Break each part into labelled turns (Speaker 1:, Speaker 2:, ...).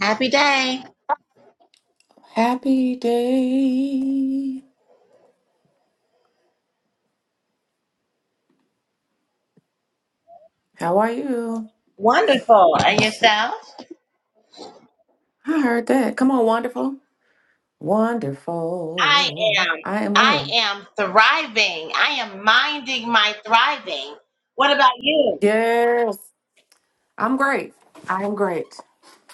Speaker 1: Happy day.
Speaker 2: Happy day. How are you?
Speaker 1: Wonderful. And
Speaker 2: Let's see.
Speaker 1: yourself?
Speaker 2: I heard that. Come on, wonderful.
Speaker 1: I
Speaker 2: Wonderful.
Speaker 1: am.
Speaker 2: I am
Speaker 1: I
Speaker 2: well.
Speaker 1: am thriving. I am minding my thriving. What about you?
Speaker 2: Yes. I'm great. I am great.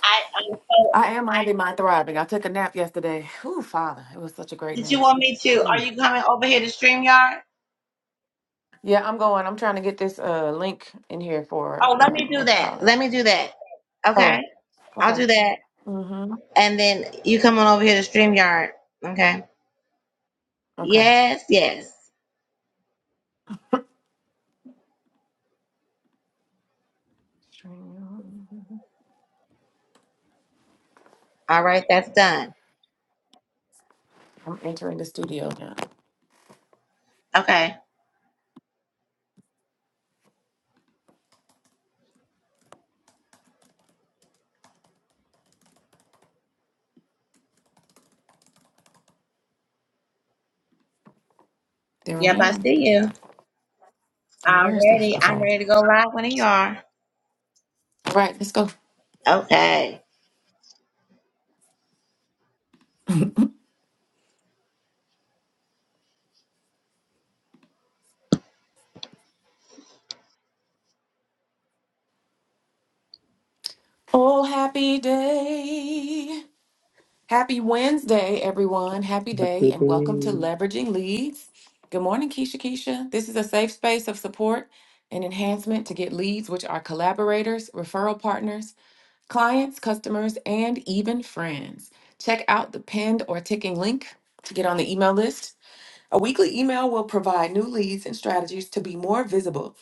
Speaker 1: I am so.
Speaker 2: I am minding my thriving. I took a nap yesterday. Ooh, Father. It was such a great
Speaker 1: Did you
Speaker 2: nap.
Speaker 1: want me to? Are
Speaker 2: Mm.
Speaker 1: you coming over here to StreamYard?
Speaker 2: Yeah, I'm going. I'm trying to get this uh link in here for
Speaker 1: Oh, let me
Speaker 2: um
Speaker 1: do
Speaker 2: what you
Speaker 1: that.
Speaker 2: call it.
Speaker 1: Let me do that.
Speaker 2: Oh,
Speaker 1: Okay. I'll
Speaker 2: okay.
Speaker 1: do that.
Speaker 2: Mm-hmm.
Speaker 1: And then you come on over here to StreamYard. Okay.
Speaker 2: Okay.
Speaker 1: Yes, yes.
Speaker 2: Stream.
Speaker 1: All right. That's done.
Speaker 2: I'm entering the studio now.
Speaker 1: Okay.
Speaker 2: There I
Speaker 1: Yep. I
Speaker 2: am.
Speaker 1: see you.
Speaker 2: And where is this?
Speaker 1: Already. I'm
Speaker 2: Okay.
Speaker 1: ready to go live when you are.
Speaker 2: All right, let's go.
Speaker 1: Okay.
Speaker 2: Oh, happy day. Happy Wednesday, everyone. Happy day, and welcome to Leveraging Leads. Good morning, Keisha Keisha. This is a safe space of support and enhancement to get leads, which are collaborators, referral partners, clients, customers, and even friends. Check out the pinned or ticking link to get on the email list A weekly email will provide new leads and strategies to be more visible.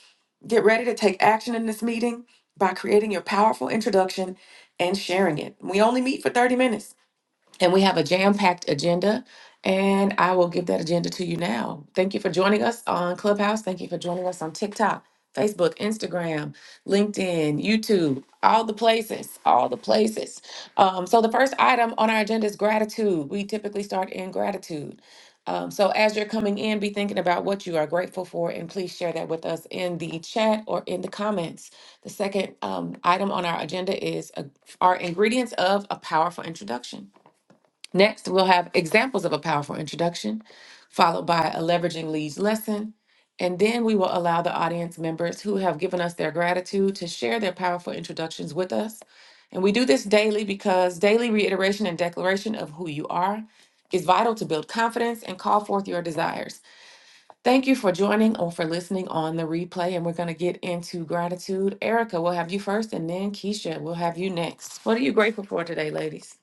Speaker 2: Get ready to take action in this meeting by creating your powerful introduction and sharing it. We only meet for 30 minutes. And we have a jam packed agenda. And I will give that agenda to you now. Thank you for joining us on Clubhouse. Thank you for joining us on TikTok, Facebook, Instagram, LinkedIn, YouTube, all the places, all the places. Um, so, the first item on our agenda is gratitude. We typically start in gratitude. Um, so, as you're coming in, be thinking about what you are grateful for and please share that with us in the chat or in the comments. The second um, item on our agenda is uh, our ingredients of a powerful introduction. Next, we'll have examples of a powerful introduction, followed by a leveraging leads lesson. And then we will allow the audience members who have given us their gratitude to share their powerful introductions with us. And we do this daily because daily reiteration and declaration of who you are is vital to build confidence and call forth your desires. Thank you for joining or for listening on the replay. And we're going to get into gratitude. Erica, we'll have you first, and then Keisha, we'll have you next. What are you grateful for today, ladies?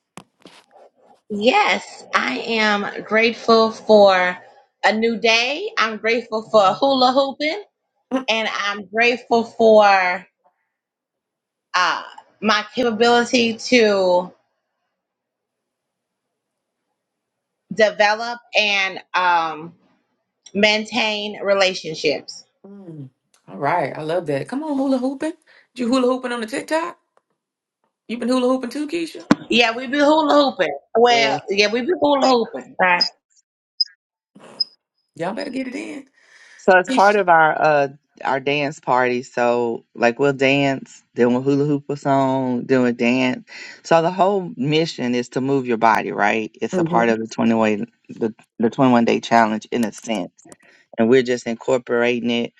Speaker 1: Yes, I am grateful for a new day. I'm grateful for hula hooping, and I'm grateful for uh, my capability to develop and um, maintain relationships.
Speaker 2: Mm. All right. I love that. Come on, hula hooping. You hula hooping on the TikTok? You been hula hooping too, Keisha?
Speaker 1: Yeah, we be hula hooping.
Speaker 3: Yeah.
Speaker 1: Well, yeah, we be hula hooping. Right.
Speaker 2: Y'all better get it in.
Speaker 3: So it's part of our uh our dance party. So like we'll dance, then we'll hula hoop a song, then we'll dance. So the whole mission is to move your body, right? It's a part of the
Speaker 2: Mm-hmm.
Speaker 3: twenty way the, the twenty one day challenge in a sense. And we're just incorporating it.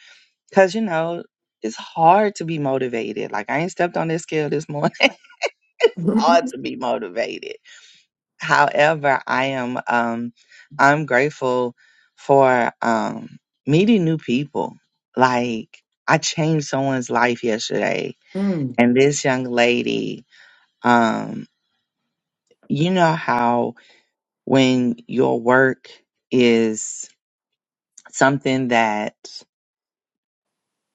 Speaker 3: Cause you know, it's hard to be motivated. Like I ain't stepped on this scale this morning. it's hard to be motivated. However, I am um I'm grateful for um meeting new people. Like I changed someone's life yesterday
Speaker 2: mm
Speaker 3: and this young lady um you know how when your work is something that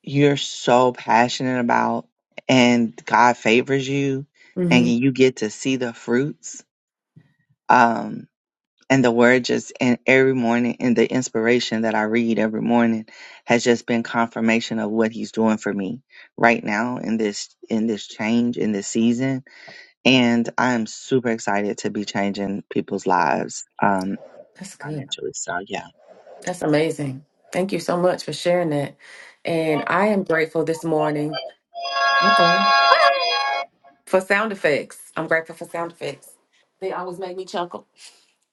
Speaker 3: you're so passionate about and God favors you and
Speaker 2: hmm
Speaker 3: you get to see the fruits. Um and the word just and every morning and the inspiration that I read every morning has just been confirmation of what he's doing for me right now in this in this change in this season and I am super excited to be changing people's lives um
Speaker 2: That's good.
Speaker 3: financially so yeah
Speaker 2: That's amazing. Thank you so much for sharing that. And I am grateful this morning mm-hmm, for sound effects. I'm grateful for sound effects. They always make me chuckle.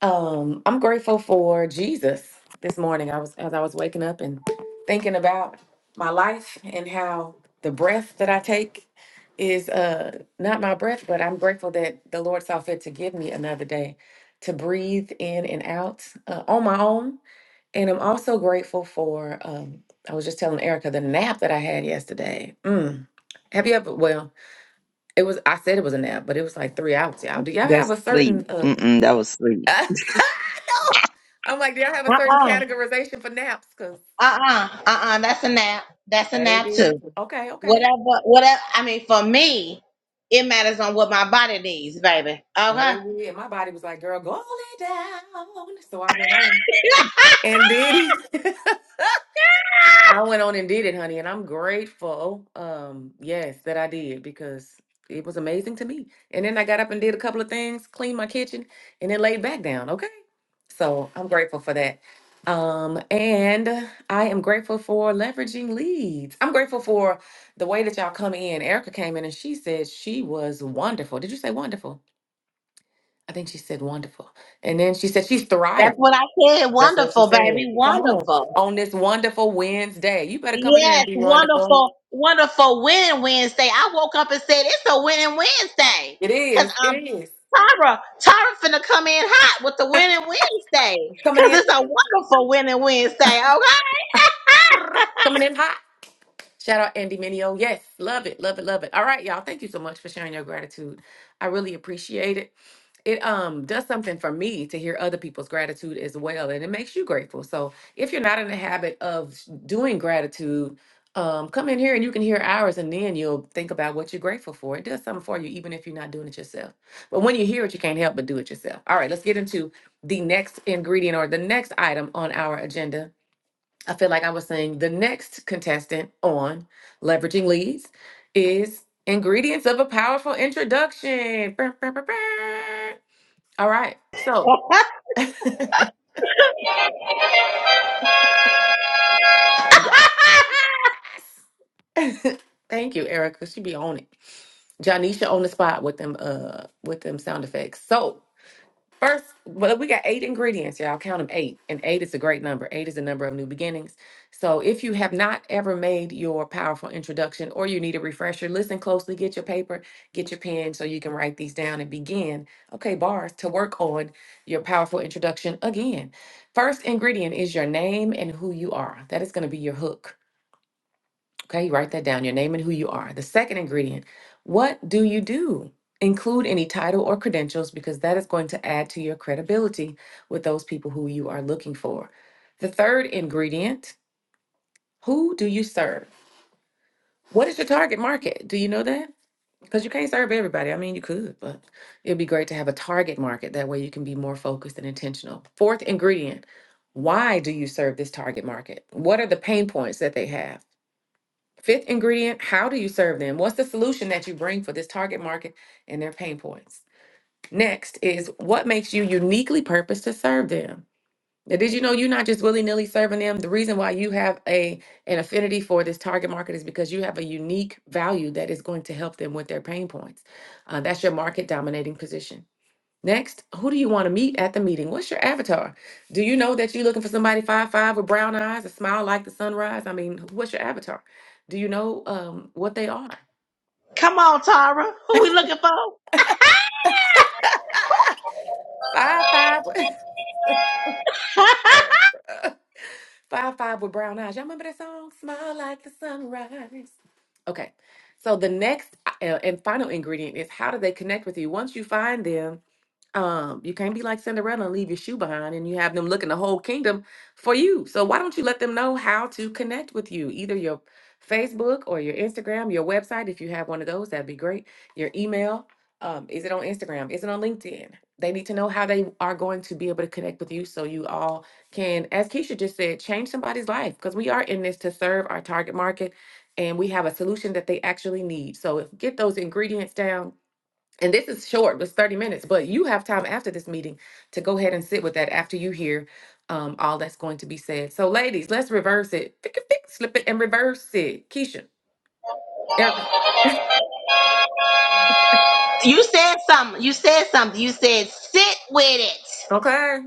Speaker 2: Um, I'm grateful for Jesus this morning. I was as I was waking up and thinking about my life and how the breath that I take is uh not my breath, but I'm grateful that the Lord saw fit to give me another day to breathe in and out uh, on my own. And I'm also grateful for um I was just telling Erica the nap that I had yesterday. Mm. Have you ever well, it was I said it was a nap, but it was like three hours, y'all. Do y'all have
Speaker 3: That's
Speaker 2: a
Speaker 3: sleep.
Speaker 2: certain uh,
Speaker 3: Mm-mm, that was sleep.
Speaker 2: I know. I'm like, do y'all have a certain
Speaker 1: Uh-uh.
Speaker 2: categorization for naps? Because,
Speaker 1: Uh-uh. Uh-uh. That's a nap. That's a nap
Speaker 2: baby,
Speaker 1: too.
Speaker 2: okay, okay.
Speaker 1: Whatever, whatever. I mean, for me, it matters on what my body needs, baby. Okay.
Speaker 2: Baby, and my body was like, girl, go on it down. So I went on and did it. I went on and did it, honey, and I'm grateful. Um, yes, that I did because it was amazing to me. And then I got up and did a couple of things, cleaned my kitchen, and then laid back down. Okay, so I'm grateful for that. Um, and I am grateful for leveraging leads. I'm grateful for the way that y'all come in. Erica came in and she said she was wonderful. Did you say wonderful? I think she said wonderful. And then she said she's thriving.
Speaker 1: That's what I said.
Speaker 2: That's what she
Speaker 1: Wonderful,
Speaker 2: said.
Speaker 1: baby.
Speaker 2: Come on.
Speaker 1: Wonderful.
Speaker 2: On this wonderful Wednesday. You better come in here and
Speaker 1: Yes,
Speaker 2: be wonderful.
Speaker 1: wonderful, wonderful win Wednesday. I woke up and said it's a winning Wednesday.
Speaker 2: It
Speaker 1: Cause
Speaker 2: is. It
Speaker 1: I'm
Speaker 2: is.
Speaker 1: Tara. Tara finna come in hot with the winning Wednesday.
Speaker 2: Coming
Speaker 1: Cause
Speaker 2: in,
Speaker 1: it's a wonderful winning Wednesday,
Speaker 2: coming in hot. Shout out Andy Minio. Yes, love it, love it, love it. All right, y'all. Thank you so much for sharing your gratitude. I really appreciate it. It um does something for me to hear other people's gratitude as well, and it makes you grateful. So if you're not in the habit of s- doing gratitude, um, come in here and you can hear ours, and then you'll think about what you're grateful for. It does something for you, even if you're not doing it yourself. But when you hear it, you can't help but do it yourself. All right, let's get into the next ingredient or the next item on our agenda. I feel like I was saying the next contestant on Leveraging Leads is Ingredients of a Powerful Introduction. Brr, brr, brr, brr. All right. So
Speaker 1: okay?
Speaker 2: thank you, Erica. She be on it. Janisha on the spot with them uh with them sound effects. So First, well, we got eight ingredients, y'all. Count them eight. And eight is a great number. Eight is a number of new beginnings. So if you have not ever made your powerful introduction or you need a refresher, listen closely, get your paper, get your pen so you can write these down and begin, okay, bars, to work on your powerful introduction again. First ingredient is your name and who you are. That is going to be your hook. Okay, write that down your name and who you are. The second ingredient, what do you do? Include any title or credentials because that is going to add to your credibility with those people who you are looking for. The third ingredient, who do you serve? What is your target market? Do you know that? Because you can't serve everybody. I mean, you could, but it'd be great to have a target market. That way you can be more focused and intentional. Fourth ingredient, why do you serve this target market? What are the pain points that they have? Fifth ingredient, how do you serve them? What's the solution that you bring for this target market and their pain points? Next is what makes you uniquely purposed to serve them? Now, did you know you're not just willy-nilly serving them? The reason why you have a an affinity for this target market is because you have a unique value that is going to help them with their pain points. Uh, that's your market dominating position. Next, who do you want to meet at the meeting? What's your avatar? Do you know that you're looking for somebody five five with brown eyes, a smile like the sunrise? I mean, what's your avatar? Do you know um what they are?
Speaker 1: come on, Tara. Who we looking for?
Speaker 2: Five five, with- five five with brown eyes. Y'all remember that song? Smile like the sunrise. Okay, so the next uh, and final ingredient is how do they connect with you? Once you find them, Um, you can't be like Cinderella and leave your shoe behind and you have them looking the whole kingdom for you. So why don't you let them know how to connect with you? Either your Facebook or your Instagram, your website, if you have one of those, that'd be great. Your email. Um, is it on Instagram? Is it on LinkedIn? They need to know how they are going to be able to connect with you so you all can, as Keisha just said, change somebody's life because we are in this to serve our target market and we have a solution that they actually need. So if get those ingredients down, and this is short, it's 30 minutes, but you have time after this meeting to go ahead and sit with that after you hear um, all that's going to be said. So, ladies, let's reverse it. Pick it, pick, slip it, and reverse it. Keisha, Erica,
Speaker 1: you said something. You said something. You said sit with it.
Speaker 2: okay,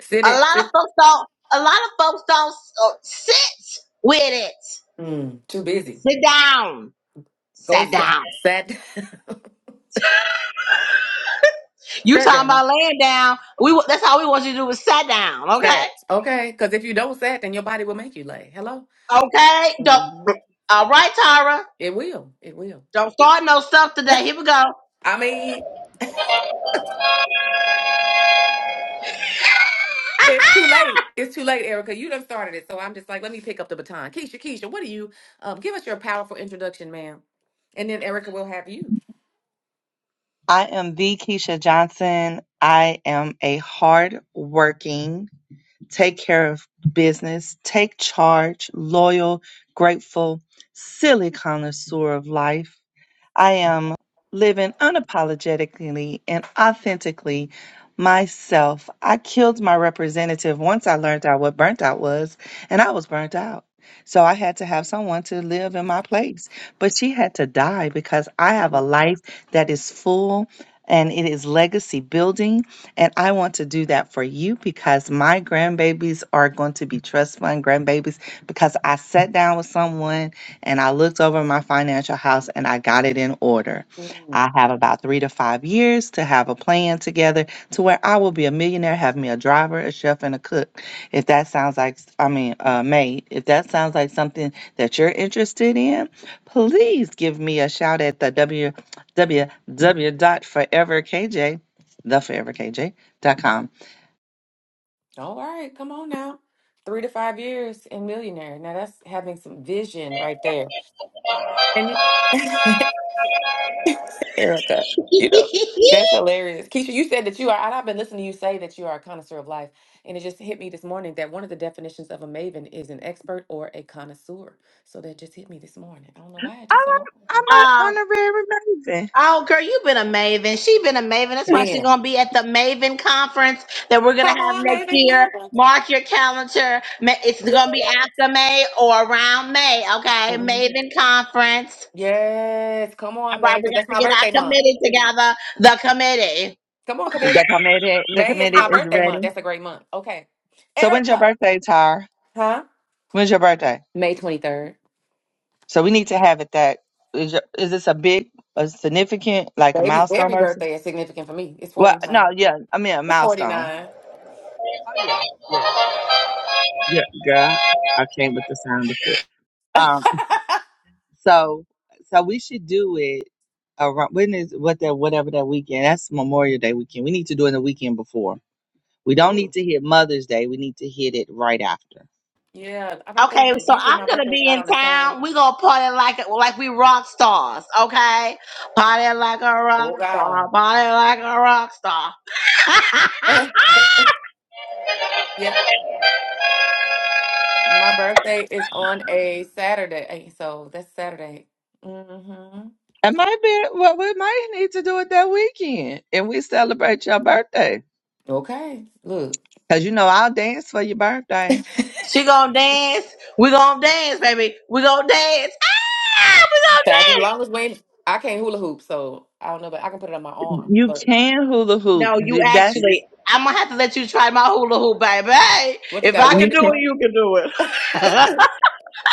Speaker 2: sit
Speaker 1: A
Speaker 2: it.
Speaker 1: lot of
Speaker 2: sit-
Speaker 1: folks don't. A lot of folks don't uh, sit with it.
Speaker 2: Mm, too busy.
Speaker 1: Sit down.
Speaker 2: Go
Speaker 1: Sit
Speaker 2: sit.
Speaker 1: down.
Speaker 2: sat,
Speaker 1: You
Speaker 2: sat
Speaker 1: talking
Speaker 2: down,
Speaker 1: about laying down? We wa- that's all we want you to do is sit down. Okay.
Speaker 2: sat. Okay, because if you don't sat, then your body will make you lay. Hello,
Speaker 1: Okay. Don't.
Speaker 2: hmm
Speaker 1: All right, Tara.
Speaker 2: it will. It will.
Speaker 1: Don't start no stuff today. Here we go.
Speaker 2: I mean. It's too late. It's too late, Erica. You done started it. So I'm just like, let me pick up the baton. Keisha, Keisha, what do you um give us your powerful introduction, ma'am? And then Erica will have you.
Speaker 3: I am the Keisha Johnson. I am a hard working, take care of business, take charge, loyal, grateful, silly connoisseur of life. I am living unapologetically and authentically myself. I killed my representative once I learned out what burnt out was, and I was burnt out. So I had to have someone to live in my place. But she had to die because I have a life that is full and it is legacy building. And I want to do that for you because my grandbabies are going to be trust fund grandbabies because I sat down with someone and I looked over my financial house and I got it in order.
Speaker 2: Mm.
Speaker 3: I have about three to five years to have a plan together to where I will be a millionaire, have me a driver, a chef, and a cook. If that sounds like, I mean, a maid, if that sounds like something that you're interested in, please give me a shout at the w w w dot forever k j, the forever k j dot com.
Speaker 2: All right, come on now. Three to five years and millionaire. Now that's having some vision right there. And it- Erica. You know, that's hilarious. Keisha, you said that you are, and I've been listening to you say that you are a connoisseur of life. And it just hit me this morning that one of the definitions of a maven is an expert or a connoisseur. So that just hit me this morning. I don't know why it
Speaker 3: I'm,
Speaker 2: took so
Speaker 3: i
Speaker 2: long.
Speaker 1: um.
Speaker 3: I'm an honorary maven.
Speaker 1: Oh, girl, you've been a maven. She's been a maven. That's why she's
Speaker 2: Ben,
Speaker 1: gonna be at the Maven conference that we're gonna
Speaker 2: come
Speaker 1: have
Speaker 2: on,
Speaker 1: next
Speaker 2: maven.
Speaker 1: year.
Speaker 2: Come on.
Speaker 1: Mark your calendar. Ma- It's gonna be after May or around May. Okay,
Speaker 2: Mhm.
Speaker 1: Maven conference.
Speaker 2: Yes, come
Speaker 1: All
Speaker 2: on,
Speaker 1: right,
Speaker 2: May.
Speaker 1: we
Speaker 2: 'cause
Speaker 1: got
Speaker 2: That's
Speaker 1: to
Speaker 2: my
Speaker 1: get
Speaker 2: birthday
Speaker 1: our
Speaker 2: month.
Speaker 1: committee together. The committee.
Speaker 2: Come on,
Speaker 3: The
Speaker 2: committee.
Speaker 3: committee, the
Speaker 2: May is
Speaker 3: committee
Speaker 2: my
Speaker 3: is
Speaker 2: birthday
Speaker 3: ready.
Speaker 2: month. That's a great month. Okay.
Speaker 3: So when's your
Speaker 2: Erica.
Speaker 3: birthday, Tyre?
Speaker 2: Huh?
Speaker 3: When's your birthday?
Speaker 2: May 23rd.
Speaker 3: So we need to have it that is. Your, is this a big, a significant, like a
Speaker 2: Baby,
Speaker 3: milestone
Speaker 2: every
Speaker 3: person?
Speaker 2: birthday is significant for me. It's
Speaker 3: Well,
Speaker 2: 49.
Speaker 3: no, yeah, I mean a
Speaker 2: It's
Speaker 3: milestone.
Speaker 2: 49.
Speaker 3: Oh yeah, yeah, yeah, girl. I came with the sound of it. Um, so so we should do it around when is what that whatever that weekend. That's Memorial Day weekend. We need to do it the weekend before. We don't need
Speaker 2: Ooh.
Speaker 3: to hit Mother's Day. We need to hit it right after.
Speaker 2: Yeah, I don't think
Speaker 1: Okay, so
Speaker 2: usually
Speaker 1: I'm
Speaker 2: my
Speaker 1: gonna
Speaker 2: birthday is
Speaker 1: be
Speaker 2: not
Speaker 1: in
Speaker 2: on the same.
Speaker 1: town. We gonna party like like we rock stars. Okay, party like a rock
Speaker 2: Oh God.
Speaker 1: star. Party like a rock star.
Speaker 2: yep. My birthday is on a Saturday. eh, So that's Saturday. Mm-hmm.
Speaker 3: It might be what we might need to do it that weekend, and we celebrate your birthday.
Speaker 2: Okay. Look.
Speaker 3: Cause you know I'll dance for your birthday.
Speaker 1: She gonna dance. We gonna dance, baby. We gonna dance. Ah, we gonna
Speaker 2: As
Speaker 1: dance.
Speaker 2: long as we I can't hula hoop, so I don't know, but I can put it on my arm.
Speaker 3: You
Speaker 2: But
Speaker 3: can hula hoop.
Speaker 1: No, you
Speaker 3: That's
Speaker 1: actually. I'm gonna have to let you try my hula hoop, baby. Hey,
Speaker 2: what you
Speaker 1: If
Speaker 2: got a
Speaker 1: I
Speaker 3: you
Speaker 1: can
Speaker 2: weighted
Speaker 3: can.
Speaker 1: do it,
Speaker 2: one?
Speaker 1: you can do it.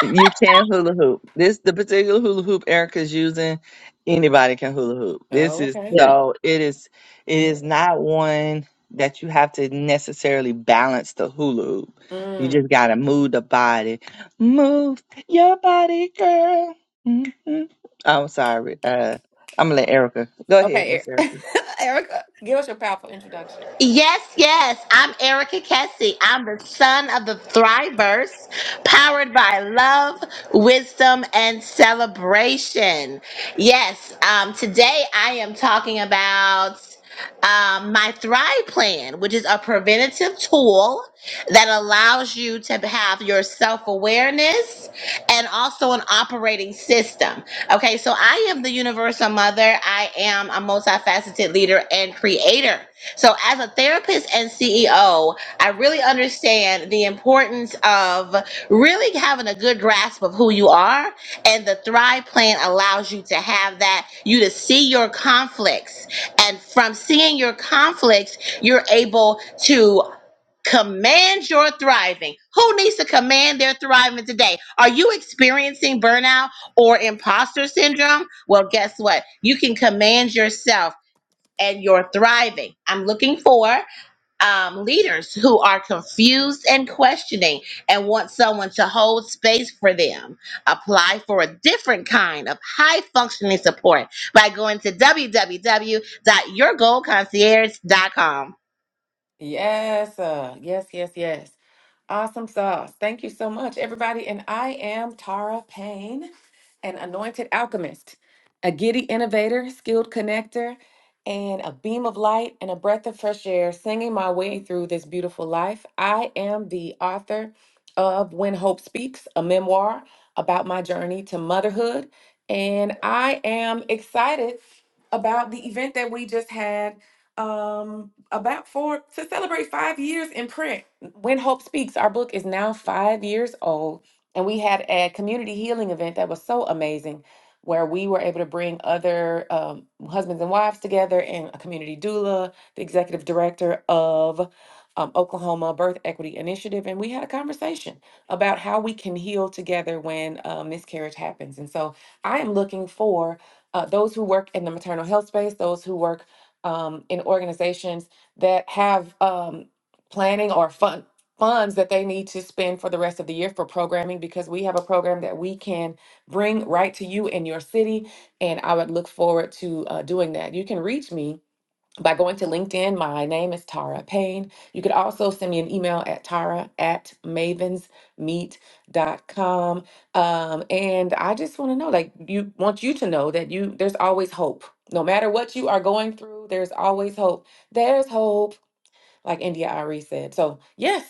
Speaker 3: You can hula hoop. This the particular hula hoop Erica's using. Anybody can hula hoop. This
Speaker 2: Oh,
Speaker 3: is
Speaker 1: Yeah.
Speaker 2: okay.
Speaker 3: so it is it is not one that you have to necessarily balance the hula hoop. You
Speaker 2: Mm.
Speaker 3: just gotta move the body. Move your body, girl. hmm I'm sorry. Uh, I'm gonna let Erica go ahead,
Speaker 2: Okay,
Speaker 3: Miss
Speaker 2: E-
Speaker 3: Erica.
Speaker 2: Erica, give us your powerful introduction.
Speaker 1: Yes, yes. I'm Erica Kessie. I'm the son of the Thrivers, powered by love, wisdom, and celebration. Yes, um, today I am talking about um, my Thrive Plan, which is a preventative tool that allows you to have your self awareness and also an operating system. Okay, so I am the universal mother, I am a multifaceted leader and creator. So, as a therapist and CEO, I really understand the importance of really having a good grasp of who you are. And the Thrive Plan allows you to have that, you to see your conflicts. And from seeing your conflicts, you're able to command your thriving. Who needs to command their thriving today? Are you experiencing burnout or imposter syndrome? Well, guess what? You can command yourself and you're thriving. I'm looking for um, leaders who are confused and questioning and want someone to hold space for them. Apply for a different kind of high functioning support by going to www.yourgoalconcierge.com.
Speaker 2: Yes, uh, yes, yes, yes. Awesome sauce. Thank you so much, everybody. And I am Tara Payne, an anointed alchemist, a giddy innovator, skilled connector, and a beam of light and a breath of fresh air, singing my way through this beautiful life. I am the author of When Hope Speaks, a memoir about my journey to motherhood. And I am excited about the event that we just had um, about four to celebrate five years in print. When Hope Speaks, our book is now five years old, and we had a community healing event that was so amazing where we were able to bring other um, husbands and wives together and a community doula, the executive director of um, Oklahoma Birth Equity Initiative, and we had a conversation about how we can heal together when a miscarriage happens. And so I am looking for uh, those who work in the maternal health space, those who work um, in organizations that have. Um, planning or fund funds that they need to spend for the rest of the year for programming because we have a program that we can bring right to you in your city and i would look forward to uh, doing that you can reach me by going to linkedin my name is tara payne you could also send me an email at tara at mavensmeet.com um, and i just want to know like you want you to know that you there's always hope no matter what you are going through there's always hope there's hope like India Ari said. So yes,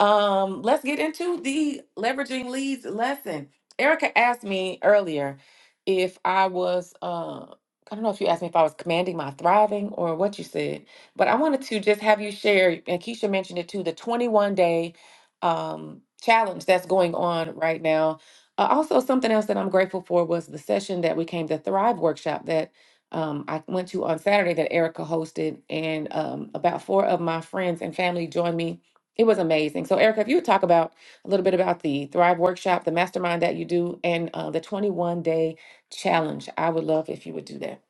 Speaker 2: um, let's get into the leveraging leads lesson. Erica asked me earlier if I was uh I don't know if you asked me if I was commanding my thriving or what you said, but I wanted to just have you share, and Keisha mentioned it too, the 21 day um, challenge that's going on right now. Uh, also, something else that I'm grateful for was the session that we came, the Thrive workshop that um, I went to on Saturday that Erica hosted, and um, about four of my friends and family joined me. It was amazing. So, Erica, if you would talk about a little bit about the Thrive Workshop, the mastermind that you do, and uh, the 21 day challenge, I would love if you would do that.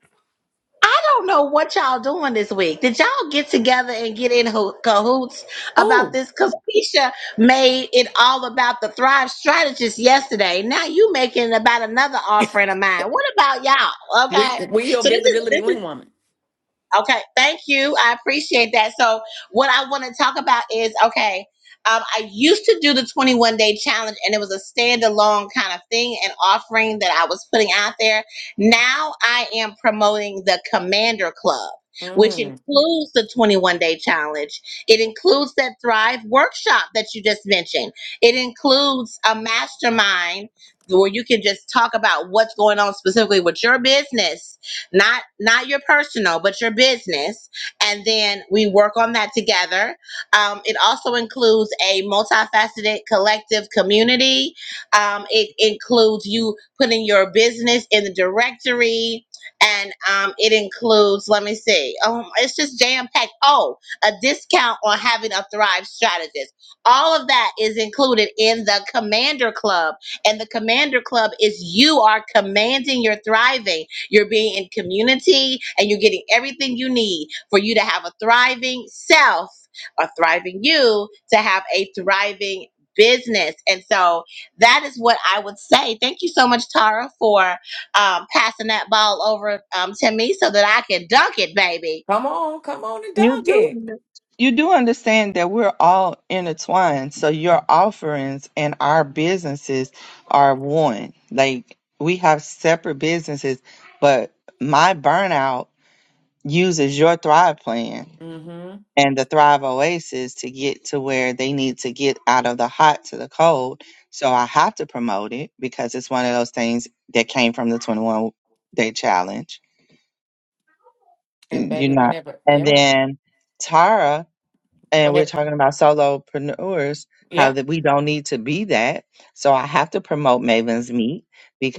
Speaker 1: I don't know what y'all doing this week. Did y'all get together and get in ho- cahoots about
Speaker 2: Oh,
Speaker 1: this? Because Keisha made it all about the Thrive Strategist yesterday. Now you making it about another offering of mine. What about y'all?
Speaker 2: we
Speaker 1: Okay,
Speaker 2: we your
Speaker 1: so this is
Speaker 2: visibility
Speaker 1: this is
Speaker 2: wing woman.
Speaker 1: Okay, thank you. I appreciate that. So, what I want to talk about is okay, um, I used to do the 21 day challenge and it was a standalone kind of thing and offering that I was putting out there. Now I am promoting the Commander Club, which
Speaker 2: Mm,
Speaker 1: includes the 21 day challenge. It includes that Thrive workshop that you just mentioned, it includes a mastermind where you can just talk about what's going on specifically with your business not not your personal but your business and then we work on that together um, it also includes a multifaceted collective community um, it includes you putting your business in the directory and um, it includes let me see um, it's just jam packed oh a discount on having a thrive strategist all of that is included in the commander club and the commander club is you are commanding your thriving you're being in community and you're getting everything you need for you to have a thriving self, a thriving you, to have a thriving business. And so that is what I would say. Thank you so much, Tara, for um, passing that ball over um, to me so that I can dunk it, baby.
Speaker 2: come on, come on and
Speaker 3: You
Speaker 2: dunk
Speaker 3: do
Speaker 2: it.
Speaker 3: under- you do understand that we're all intertwined. So your offerings and our businesses are one. Like we have separate businesses, but my burnout uses your Thrive plan
Speaker 2: Mm-hmm.
Speaker 3: and the Thrive Oasis to get to where they need to get out of the hot to the cold. So I have to promote it because it's one of those things that came from the 21 day challenge.
Speaker 2: And
Speaker 3: You're
Speaker 2: baby,
Speaker 3: not.
Speaker 2: whenever,
Speaker 3: And
Speaker 2: yeah,
Speaker 3: then Tara and we're
Speaker 2: whenever,
Speaker 3: talking about solopreneurs how
Speaker 2: yep.
Speaker 3: that we don't need to be that so i have to promote maven's meet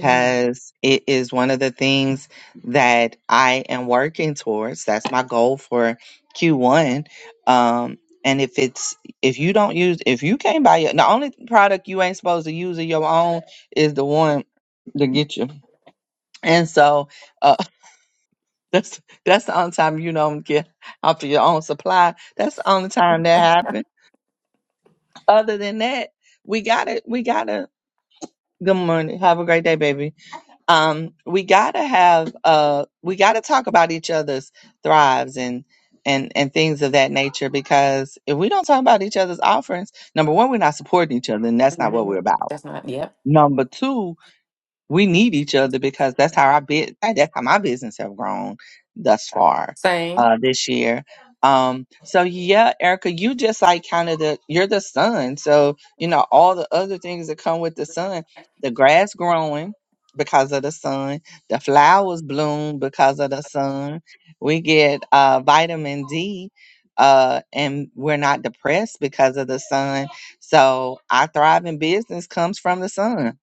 Speaker 2: Mm-hmm.
Speaker 3: it is one of the things that i am working towards that's my goal for q1 um and if it's if you don't use if you can't buy your the only product you ain't supposed to use of your own is the one to get you and so uh that's that's the only time you don't get off of your own supply that's the only time that happens other than that, we gotta we gotta good morning. Have a great day, baby. Um, we gotta have uh we gotta talk about each other's thrives and and and things of that nature because if we don't talk about each other's offerings, number one, we're not supporting each other, and that's not what we're about.
Speaker 2: That's not, yep.
Speaker 3: Number two, we need each other because that's how I bit that's how my business have grown thus far
Speaker 2: Same.
Speaker 3: uh this year. Um so yeah, Erica, you just like kind of the you're the sun. So, you know, all the other things that come with the sun, the grass growing because of the sun, the flowers bloom because of the sun. We get uh vitamin D uh and we're not depressed because of the sun. So, our thriving business comes from the sun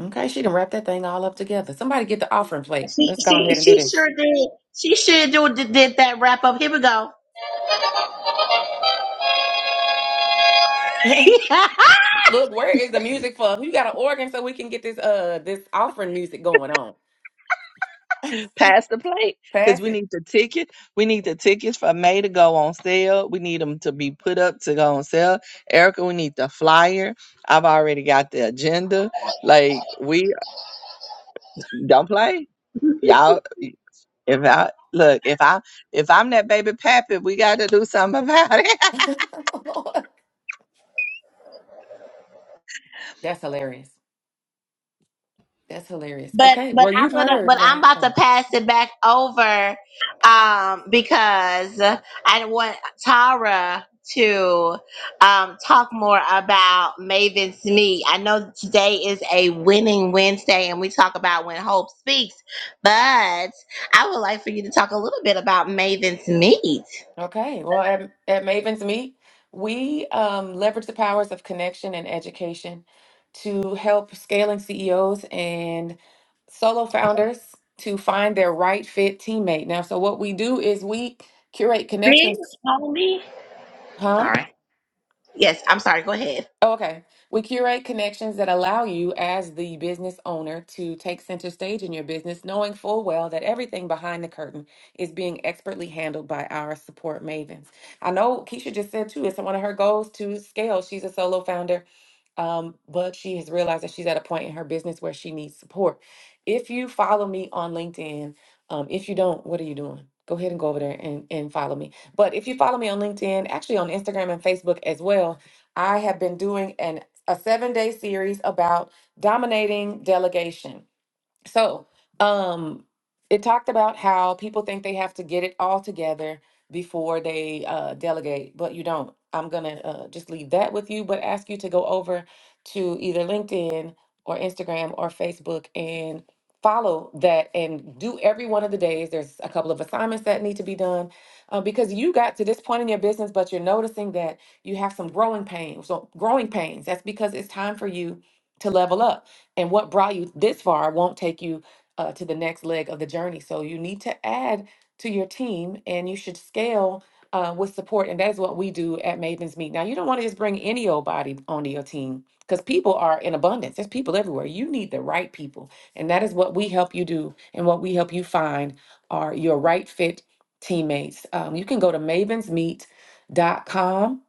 Speaker 2: Okay, she done wrap that thing all up together. Somebody get the offering plate.
Speaker 1: She
Speaker 2: Let's go
Speaker 1: she
Speaker 2: ahead and do
Speaker 1: she
Speaker 2: this.
Speaker 1: sure did. She sure do, did, did that wrap up. Here we go.
Speaker 2: Look, where is the music for? You got an organ so we can get this uh this offering music going on.
Speaker 3: pass the plate because
Speaker 2: Pass
Speaker 3: we
Speaker 2: it.
Speaker 3: need the ticket. We need the tickets for May to go on sale. We need them to be put up to go on sale. Erica, we need the flyer. I've already got the agenda. Like we don't play, y'all. If I look, if I if I'm that baby pappy, we got to do something about it.
Speaker 2: That's hilarious. That's hilarious.
Speaker 1: But
Speaker 2: Okay,
Speaker 1: but
Speaker 2: well
Speaker 1: I'm
Speaker 2: you've
Speaker 1: gonna
Speaker 2: heard
Speaker 1: but I'm
Speaker 2: now.
Speaker 1: about to pass it back over um because I want Tara to um talk more about Maven's meet. I know today is a winning Wednesday and we talk about when hope speaks, but I would like for you to talk a little bit about Maven's meet.
Speaker 2: Okay, well, at, at Mavens Meet, we um, leverage the powers of connection and education to help scaling CEOs and solo founders to find their right fit teammate. Now, so what we do is we curate
Speaker 1: Big
Speaker 2: connections,
Speaker 1: homie.
Speaker 2: huh?
Speaker 1: Sorry. Yes, I'm sorry, go ahead.
Speaker 2: Oh, Okay. We curate connections that allow you, as the business owner, to take center stage in your business, knowing full well that everything behind the curtain is being expertly handled by our support mavens. I know Keisha just said, too, it's one of her goals to scale. She's a solo founder um, but she has realized that she's at a point in her business where she needs support. If you follow me on LinkedIn, um, if you don't, what are you doing? Go ahead and go over there and, and follow me. But if you follow me on LinkedIn, actually on Instagram and Facebook as well, I have been doing an a seven day series about dominating delegation so, um, it talked about how people think they have to get it all together before they uh, delegate, but you don't. I'm gonna uh, just leave that with you, but ask you to go over to either LinkedIn or Instagram or Facebook and follow that and do every one of the days. There's a couple of assignments that need to be done uh, because you got to this point in your business, but you're noticing that you have some growing pains. So growing pains. That's because it's time for you to level up and what brought you this far won't take you uh, to the next leg of the journey. So you need to add to your team, and you should scale uh, with support. And that's what we do at Maven's Meet. Now, you don't want to just bring any old body onto your team because people are in abundance. There's people everywhere. You need the right people, and that is what we help you do, and what we help you find are your right fit teammates. Um, you can go to Maven's Meet dot com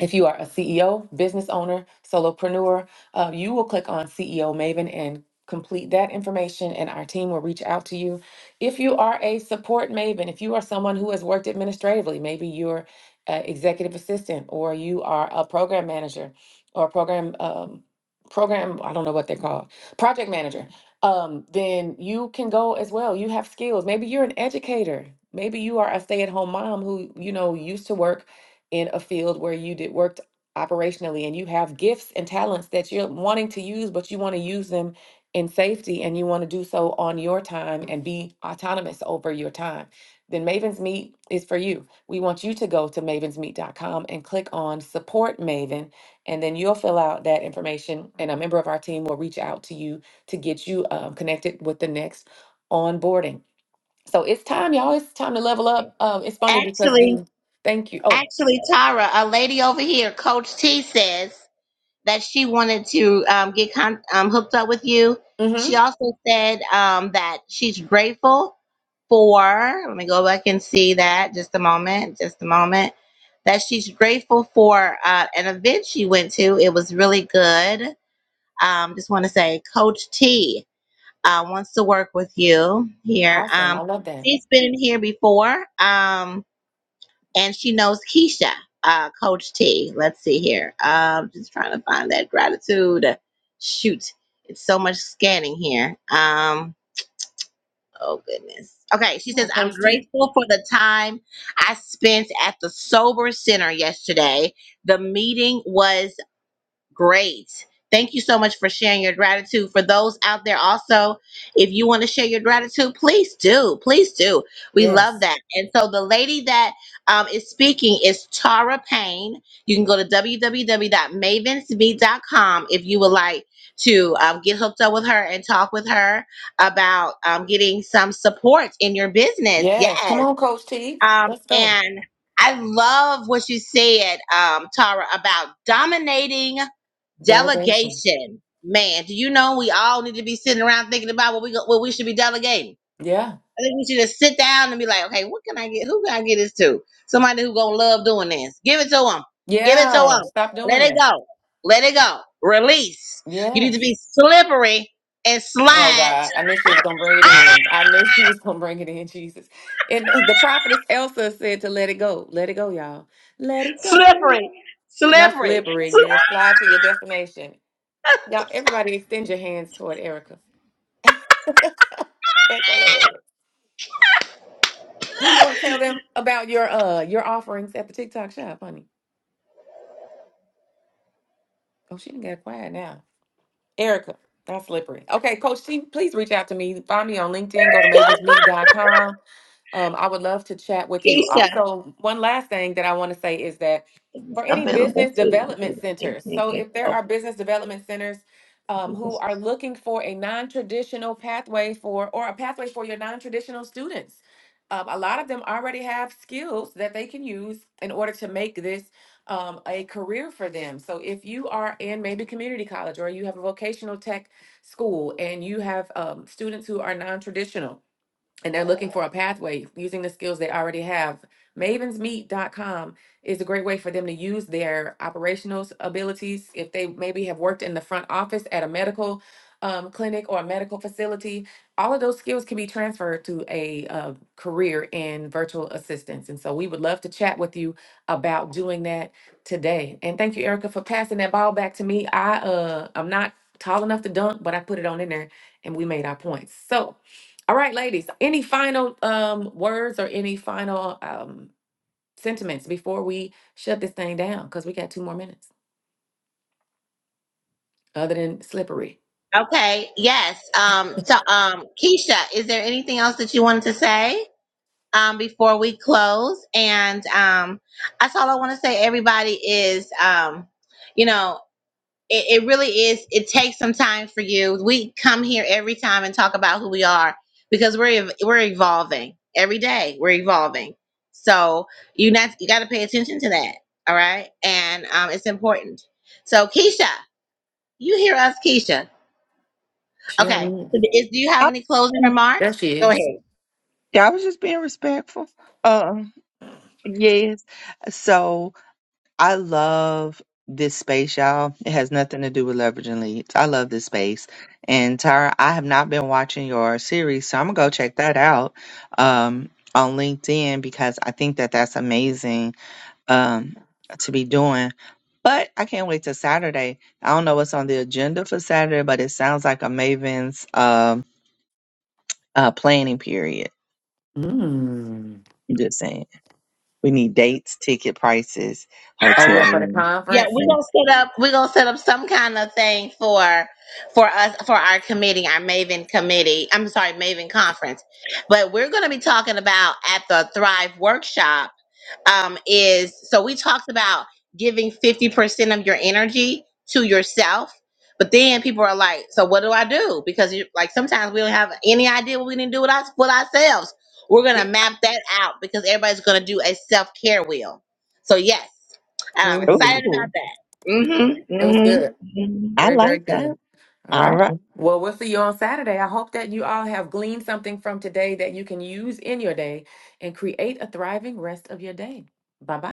Speaker 2: if you are a CEO, business owner, solopreneur, uh, you will click on CEO Maven and complete that information, and our team will reach out to you. If you are a support Maven, if you are someone who has worked administratively, maybe you're an executive assistant or you are a program manager or program um, program I don't know what they're called project manager. Um, then you can go as well. You have skills. Maybe you're an educator. Maybe you are a stay-at-home mom who you know used to work in a field where you did worked operationally and you have gifts and talents that you're wanting to use, but you want to use them in safety and you want to do so on your time and be autonomous over your time, then Maven's Meet is for you. We want you to go to Maven's Meet dot com and click on support Maven, and then you'll fill out that information, and a member of our team will reach out to you to get you um, connected with the next onboarding. So it's time, y'all. It's time to level up. Um, it's funny because
Speaker 1: Actually,
Speaker 2: the thank you. Oh,
Speaker 1: actually Tara, a lady over here, Coach T says that she wanted to um, get con- um, hooked up with you. She
Speaker 2: mm-hmm.
Speaker 1: also said um, that she's grateful for, let me go back and see that just a moment, just a moment, that she's grateful for uh, an event she went to. It was really good. Um, just want to say, Coach T uh, wants to work with you here.
Speaker 2: Awesome. I
Speaker 1: Um,
Speaker 2: love that.
Speaker 1: she's been in here before. Um, and she knows Keisha, uh, Coach T. Let's see here. Um, just trying to find that gratitude. Shoot, it's so much scanning here. Um, oh goodness. Okay, she
Speaker 2: Come on,
Speaker 1: says I'm
Speaker 2: Coach T.
Speaker 1: grateful for the time I spent at the sober center yesterday. The meeting was Great. Thank you so much for sharing your gratitude. For those out there, also, if you want to share your gratitude, please do. Please do. We love
Speaker 2: Yes.
Speaker 1: that. And so the lady that um, is speaking is Tara Payne. You can go to www.mavensmeet.com if you would like to um, get hooked up with her and talk with her about um, getting some support in your business.
Speaker 2: Yes.
Speaker 1: Yes.
Speaker 2: Come on, Coach T.
Speaker 1: Um,
Speaker 2: Let's go.
Speaker 1: and I love what you said, um, Tara, about dominating
Speaker 2: Delegation.
Speaker 1: Delegation. Man, do you know we all need to be sitting around thinking about what we go, what we should be delegating?
Speaker 2: Yeah.
Speaker 1: I think we should just sit down and be like, okay, what can I get? Who can I get this to? Somebody who gonna love doing this. Give it to them. Give it to
Speaker 2: Yeah.
Speaker 1: them.
Speaker 2: Stop
Speaker 1: Let
Speaker 2: doing
Speaker 1: it
Speaker 2: it.
Speaker 1: go. Let it go. Release. You need to
Speaker 2: Yes.
Speaker 1: be slippery and
Speaker 2: Oh
Speaker 1: slide.
Speaker 2: God. I knew she was gonna bring it in. I knew she was gonna bring it in, Jesus. And the prophetess Elsa said to let it go. Let it go, y'all. Let it go.
Speaker 1: Slippery.
Speaker 2: Not
Speaker 1: Slippery.
Speaker 2: slippery. You're gonna slide to your destination. Y'all, everybody extend your hands toward Erica. That's hilarious. Do you want to tell them about your uh your offerings at the TikTok shop, honey? Oh, she didn't get quiet now. Erica, that's slippery. Okay, Coach T, please reach out to me. Find me on LinkedIn. Go to mavens meet dot com. Um, I would love to chat with you.
Speaker 1: Keisha.
Speaker 2: Also, one last thing that I want to say is that
Speaker 1: is
Speaker 2: for any
Speaker 1: Available
Speaker 2: business development
Speaker 1: too.
Speaker 2: centers, so if there are business development centers um, who are looking for a non-traditional pathway for or a pathway for your non-traditional students, um, a lot of them already have skills that they can use in order to make this um, a career for them. So if you are in maybe community college or you have a vocational tech school and you have um, students who are non-traditional and they're looking for a pathway using the skills they already have. Mavensmeet.com is a great way for them to use their operational abilities. If they maybe have worked in the front office at a medical um, clinic or a medical facility, all of those skills can be transferred to a uh, career in virtual assistance. And so we would love to chat with you about doing that today. And thank you, Erica, for passing that ball back to me. I uh, I'm not tall enough to dunk, but I put it on in there, and we made our points. So. All right, ladies, any final um words or any final um sentiments before we shut this thing down? Because we got two more minutes other than slippery.
Speaker 1: Okay. Yes. Um. So, um, Keisha, is there anything else that you wanted to say? um, before we close. And um, that's all I want to say, everybody, is, um, you know, it, it really is, it takes some time for you. We come here every time and talk about who we are because we're, ev- we're evolving every day. We're evolving. So you not, you got to pay attention to that. All right. And um, it's important. So Keisha, you hear us, Keisha.
Speaker 2: She on
Speaker 1: Okay.
Speaker 2: mute.
Speaker 1: So is, do you
Speaker 3: I,
Speaker 1: have any closing
Speaker 2: There
Speaker 1: remarks?
Speaker 2: she
Speaker 1: Go ahead.
Speaker 2: is.
Speaker 3: I was just being respectful. Um, yes. So. I love this space, y'all. It has nothing to do with leveraging leads. I love this space. And Tara, I have not been watching your series, so I'm gonna go check that out um, on LinkedIn because I think that that's amazing um, to be doing. But I can't wait till Saturday. I don't know what's on the agenda for Saturday, but it sounds like a Maven's um, uh, planning period.
Speaker 2: Mm.
Speaker 3: I'm just saying, we need dates, ticket prices,
Speaker 2: Oh
Speaker 3: hotel
Speaker 2: yeah, for the
Speaker 3: room.
Speaker 1: Yeah,
Speaker 2: conference.
Speaker 1: we're gonna set up we're gonna set up some kind of thing for for us for our committee, our Maven committee. I'm sorry, Maven conference. But we're gonna be talking about at the Thrive workshop um, is so we talked about giving 50% of your energy to yourself. But then people are like, so what do I do? Because you, like sometimes we don't have any idea what we need to do with, us, with ourselves. We're going to map that out because everybody's going to do a self care wheel. So, yes, and I'm
Speaker 2: Mm.
Speaker 1: excited about
Speaker 3: Ooh,
Speaker 1: that. Mm-hmm,
Speaker 2: It was good.
Speaker 1: mm-hmm, mm-hmm.
Speaker 3: I
Speaker 2: Very, very
Speaker 3: like that.
Speaker 2: good. All
Speaker 3: All
Speaker 2: right.
Speaker 3: right.
Speaker 2: Well, we'll see you on Saturday. I hope that you all have gleaned something from today that you can use in your day and create a thriving rest of your day. Bye bye.